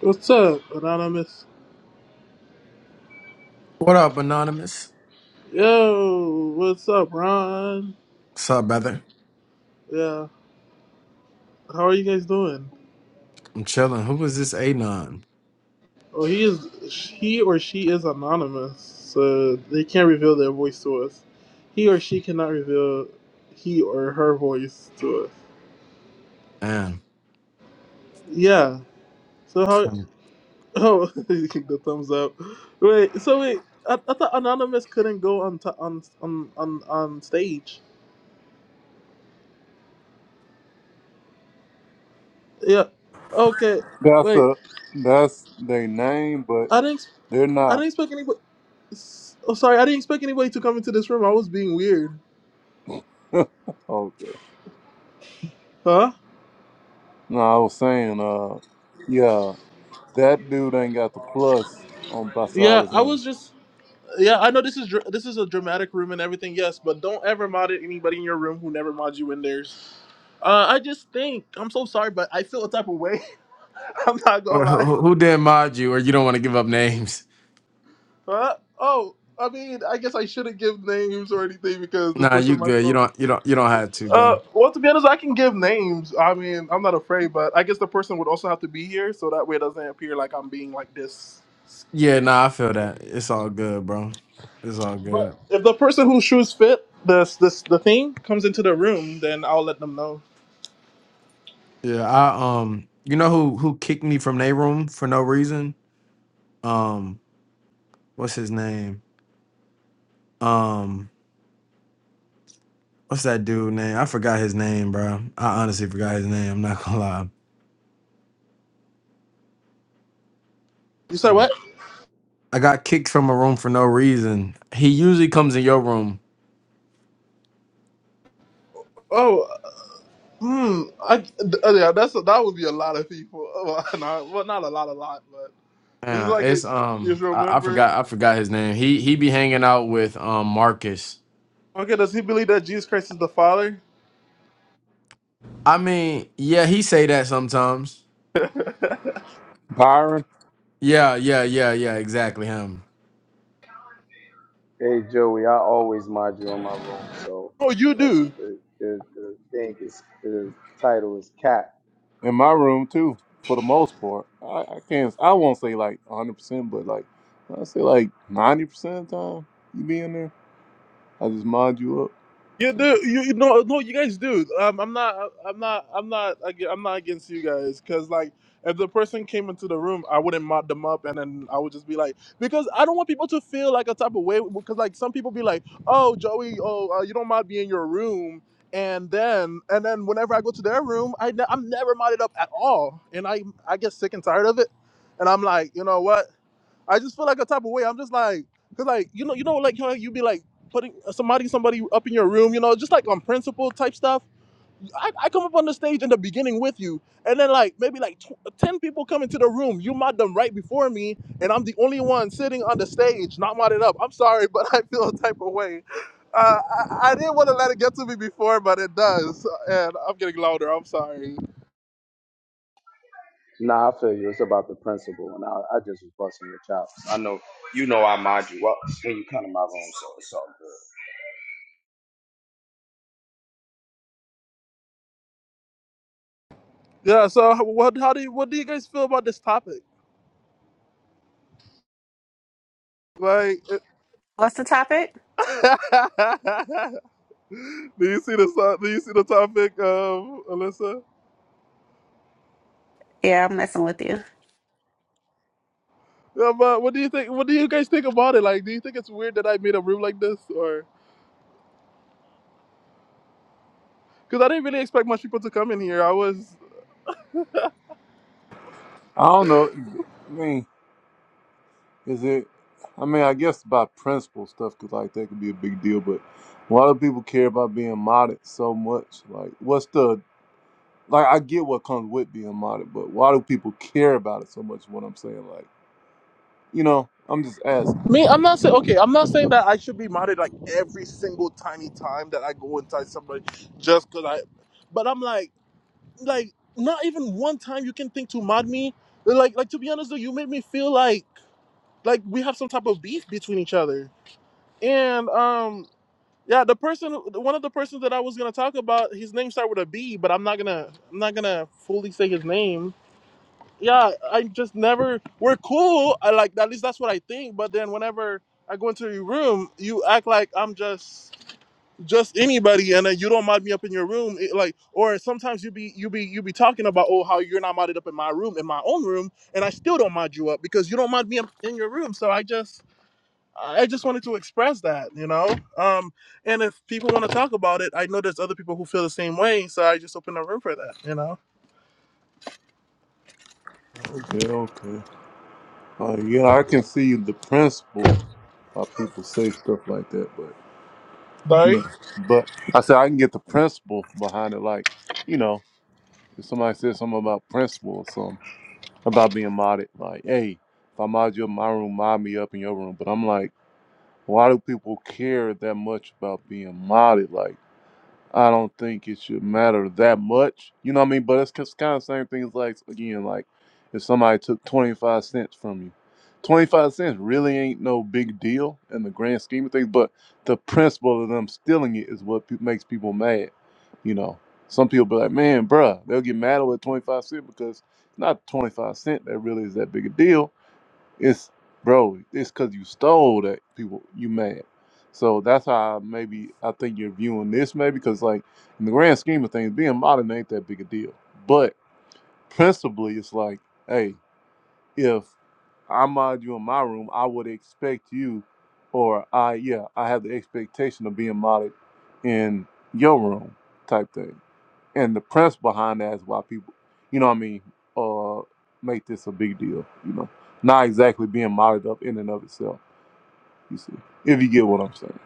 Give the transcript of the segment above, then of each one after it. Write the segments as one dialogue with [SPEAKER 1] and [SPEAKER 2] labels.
[SPEAKER 1] What's up, Anonymous?
[SPEAKER 2] What up, Anonymous?
[SPEAKER 1] Yo, what's up, Ron?
[SPEAKER 2] What's up, brother?
[SPEAKER 1] Yeah, how are you guys doing?
[SPEAKER 2] I'm chilling. Who was this Anon?
[SPEAKER 1] Oh, he is, he or she is anonymous, so they can't reveal their voice to us. He or she cannot reveal he or her voice to us.
[SPEAKER 2] Damn.
[SPEAKER 1] Yeah. So how?
[SPEAKER 2] Who,
[SPEAKER 1] Oh, the thumbs up. Wait. So wait. I, I thought anonymous couldn't go on t- on on on on stage. Yeah. Okay.
[SPEAKER 3] That's
[SPEAKER 1] Wait.
[SPEAKER 3] a that's their name, but
[SPEAKER 1] I didn't.
[SPEAKER 3] they're
[SPEAKER 1] I
[SPEAKER 3] not.
[SPEAKER 1] didn't expect anybody. S- Oh, sorry, I didn't expect anybody to come into this room. I was being weird.
[SPEAKER 3] Okay.
[SPEAKER 1] Huh?
[SPEAKER 3] No, I was saying, uh, yeah, that dude ain't got the plus on
[SPEAKER 1] Yeah,
[SPEAKER 3] Basada's
[SPEAKER 1] I
[SPEAKER 3] name.
[SPEAKER 1] was just. Yeah, I know this is dr- this is a dramatic room and everything. Yes, but don't ever mod it anybody in your room who never mod you in theirs. Uh, I just think I'm so sorry, but I feel a type of way. I'm not gonna lie.
[SPEAKER 2] who, who did mod you or you don't want to give up names?
[SPEAKER 1] Huh? Oh, I mean, I guess I shouldn't give names or anything because this
[SPEAKER 2] Nah, you
[SPEAKER 1] person might
[SPEAKER 2] good. You
[SPEAKER 1] throw.
[SPEAKER 2] don't you don't you don't have to,
[SPEAKER 1] Uh,
[SPEAKER 2] bro.
[SPEAKER 1] well, to be honest, I can give names. I mean, I'm not afraid, but I guess the person would also have to be here so that way it doesn't appear like I'm being like this.
[SPEAKER 2] Yeah, nah, I feel that. It's all good, bro. It's all good.
[SPEAKER 1] If the person who shoes fit this this the thing comes into the room, then I'll let them know.
[SPEAKER 2] Yeah, I um you know who who kicked me from their room for no reason? Um, what's his name? Um, what's that dude name? I forgot his name, bro. I honestly forgot his name, I'm not gonna
[SPEAKER 1] You said
[SPEAKER 2] lie.
[SPEAKER 1] what?
[SPEAKER 2] I got kicked from a room for no reason. He usually comes in your room.
[SPEAKER 1] Oh, hmm. I th- oh, yeah. That's that would be a lot of people. Oh, no, well, not a lot, a lot, but it's
[SPEAKER 2] Yeah,
[SPEAKER 1] like a,
[SPEAKER 2] it's
[SPEAKER 1] if
[SPEAKER 2] um
[SPEAKER 1] you
[SPEAKER 2] I, I
[SPEAKER 1] remember.
[SPEAKER 2] forgot I forgot his name. He he be hanging out with um Marcus.
[SPEAKER 1] Okay, does he believe that Jesus Christ is the Father?
[SPEAKER 2] I mean, yeah, he say that sometimes.
[SPEAKER 3] Byron
[SPEAKER 2] Yeah, yeah, yeah, yeah, exactly him.
[SPEAKER 4] Hey Joey, I always mod you in my room, so
[SPEAKER 1] oh, you
[SPEAKER 4] that's
[SPEAKER 1] do.
[SPEAKER 4] the the, the thing is the title is cat.
[SPEAKER 3] in my room too, for the most part. I, I can't. I won't say like hundred percent, but like I say like ninety percent of the time you be in there, I just mod you up.
[SPEAKER 1] You
[SPEAKER 3] So,
[SPEAKER 1] do. You you- no no. You guys do. Um, I'm not. I'm not. I'm not. ag- I'm not against you guys because like if the person came into the room, I wouldn't mod them up, and then I would just be like because I don't want people to feel like a type of way because like some people be like, oh Joey, oh uh, you don't mind being in your room. And then, and then, whenever I go to their room, I ne- I'm never modded up at all, and I I get sick and tired of it, and I'm like, you know what? I just feel like a type of way. I'm just like, cause like you know, you know, like how you be like putting uh, somebody, somebody up in your room, you know, just like on principle type stuff. I, I come up on the stage in the beginning with you, and then like maybe like tw- uh, ten people come into the room. You mod them right before me, and I'm the only one sitting on the stage, not modded up. I'm sorry, but I feel a type of way. Uh, I, I didn't want to let it get to me before, but it does, and I'm getting louder. I'm sorry.
[SPEAKER 4] Nah, I feel you. It's about the principle, and I, I just was busting your chops. I know you know I mod you up when you come to my room, so it's all good.
[SPEAKER 1] Yeah. So, what? How do you, what do you guys feel about this topic? Like.
[SPEAKER 5] What's the topic?
[SPEAKER 1] do you see the so- do you see the topic, um, Alyssa?
[SPEAKER 5] Yeah, I'm messing with you.
[SPEAKER 1] Um, uh, what do you think? What do you guys think about it? Like, do you think it's weird that I made a room like this, or because I didn't really expect much people to come in here? I was
[SPEAKER 3] I don't know. I mean, Is it? I mean, I guess by principle stuff could like that could be a big deal, but why do people care about being modded so much? Like, what's the like? I get what comes with being modded, but why do people care about it so much? is What I'm saying, like, you know, I'm just asking.
[SPEAKER 1] me. I'm not saying okay. I'm not saying that I should be modded like every single tiny time that I go inside somebody just because I. But I'm like, like not even one time you can think to mod me. Like, like to be honest though, you made me feel like like we have some type of beef between each other. And um Yeah, the person, one of the persons that I was gonna talk about, his name started with a B, but I'm not gonna, I'm not gonna fully say his name. Yeah, I just never. We're cool. I like at least that's what I think. But then whenever I go into your room, you act like I'm just, just anybody, and then you don't mod me up in your room. It, like, or sometimes you be, you be, you be talking about oh how you're not modded up in my room, in my own room, and I still don't mod you up because you don't mod me up in your room. So I just. I just wanted to express that, you know. Um, and if people want to talk about it, I know there's other people who feel the same way, so I just open a room for that, you know.
[SPEAKER 3] Okay, okay. Uh, yeah, I can see the principle why people say stuff like that, but you
[SPEAKER 1] Sorry.
[SPEAKER 3] know, but I said I can get the principle behind it. Like, you know, if somebody says something about principle or something. about being modded. Like, hey, if I mod you up in my room, mod me up in your room. But I'm like, why do people care that much about being modded? Like. I don't think it should matter that much. You know what I mean? But it's kind of the same thing as like again, like if somebody took twenty five cents from you, twenty five cents really ain't no big deal in the grand scheme of things. But the principle of them stealing it is what pe- makes people mad. You know, some people be like, man, bruh, they'll get mad over twenty five cent because it's not twenty five cent that really is that big a deal it's bro, it's cause you stole that people you mad. So that's how maybe I think you're viewing this maybe because like in the grand scheme of things, being modern ain't that big a deal. But principally it's like, hey, if I mod you in my room, I would expect you or I yeah, I have the expectation of being modded in your room type thing and the premise behind that is why people, you know, what I mean, uh, make this a big deal. You know, not exactly being modded up in and of itself. You see, if you get what I'm saying.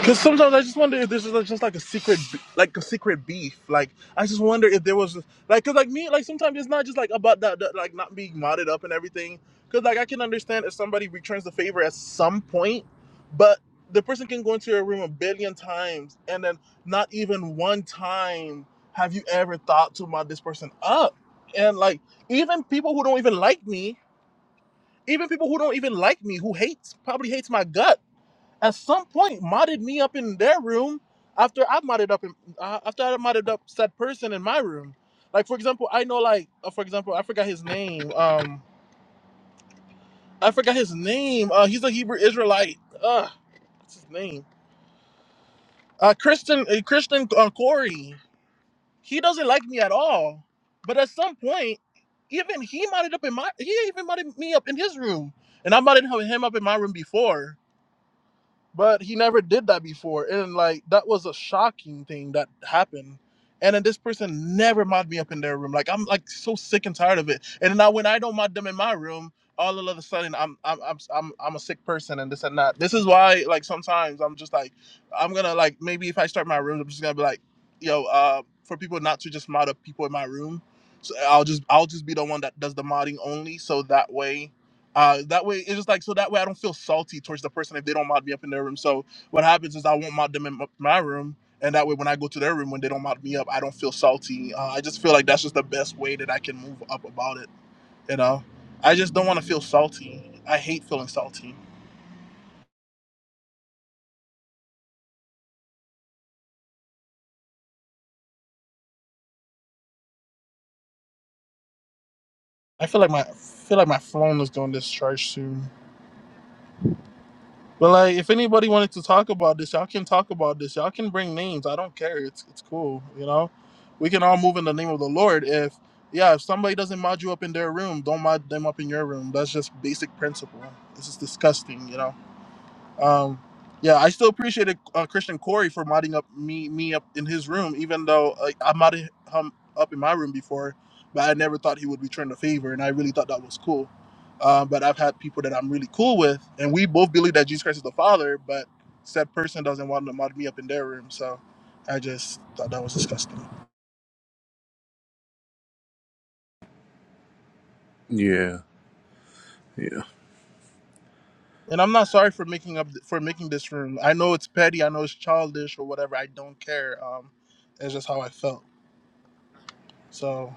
[SPEAKER 1] Because sometimes I just wonder if this is like, just like a secret, b- like a secret beef. Like I just wonder if there was like, cause like me, like sometimes it's not just like about that, that like not being modded up and everything. Cause like I can understand if somebody returns the favor at some point, but the person can go into your room a billion times and then not even one time have you ever thought to mod this person up. And like even people who don't even like me, even people who don't even like me, who hates probably hates my guts at some point modded me up in their room after i modded up in, uh, after I modded up said person in my room. Like for example, I know like uh, for example, I forgot his name. Um, I forgot his name. Uh, he's a Hebrew Israelite. Uh, what's his name? Uh, Christian uh, Christian uh, Corey. He doesn't like me at all. But at some point, even he modded up in my he even modded me up in his room, and I modded him him up in my room before but he never did that before and like that was a shocking thing that happened and then this person never mod me up in their room like i'm like so sick and tired of it and then now when i don't mod them in my room all of a sudden i'm i'm i'm i'm, I'm a sick person and this and that this is why like sometimes i'm just like i'm gonna like maybe if i start my room i'm just gonna be like yo uh for people not to just mod up people in my room so i'll just i'll just be the one that does the modding only so that way uh, that way, it's just like so that way I don't feel salty towards the person if they don't mod me up in their room. So what happens is I won't mod them in m- my room, and that way when I go to their room when they don't mod me up, I don't feel salty. Uh, I just feel like that's just the best way that I can move up about it. You know, I just don't want to feel salty. I hate feeling salty. I feel like my I feel like my phone is going this charge soon. But like, if anybody wanted to talk about this, y'all can talk about this. Y'all can bring names. I don't care. It's it's cool. You know, we can all move in the name of the Lord. If yeah, if somebody doesn't mod you up in their room, don't mod them up in your room. That's just basic principle. This is disgusting. You know. Um, yeah, I still appreciated uh, Christian Corey for modding up me me up in his room, even though like, I modded him up in my room before, but I never thought he would return the favor, and I really thought that was cool. Uh, but I've had people that I'm really cool with, and we both believe that Jesus Christ is the Father, but said person doesn't want to mod me up in their room, so I just thought that was disgusting.
[SPEAKER 3] Yeah, yeah.
[SPEAKER 1] And I'm not sorry for making up for making this room. I know it's petty, I know it's childish or whatever. I don't care. Um, it's just how I felt. So.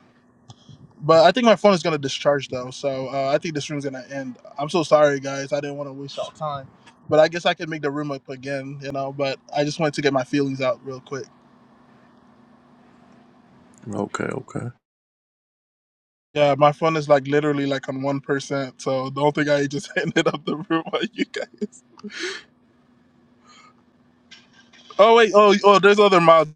[SPEAKER 1] But I think my phone is gonna discharge though, so uh, I think this room's gonna end. I'm so sorry, guys. I didn't want to waste y'all time, but I guess I could make the room up again, you know. But I just wanted to get my feelings out real quick.
[SPEAKER 3] Okay, okay.
[SPEAKER 1] Yeah, my phone is like literally like on one percent, so don't think I just ended up the room on you guys. Oh wait, oh oh, there's other mods.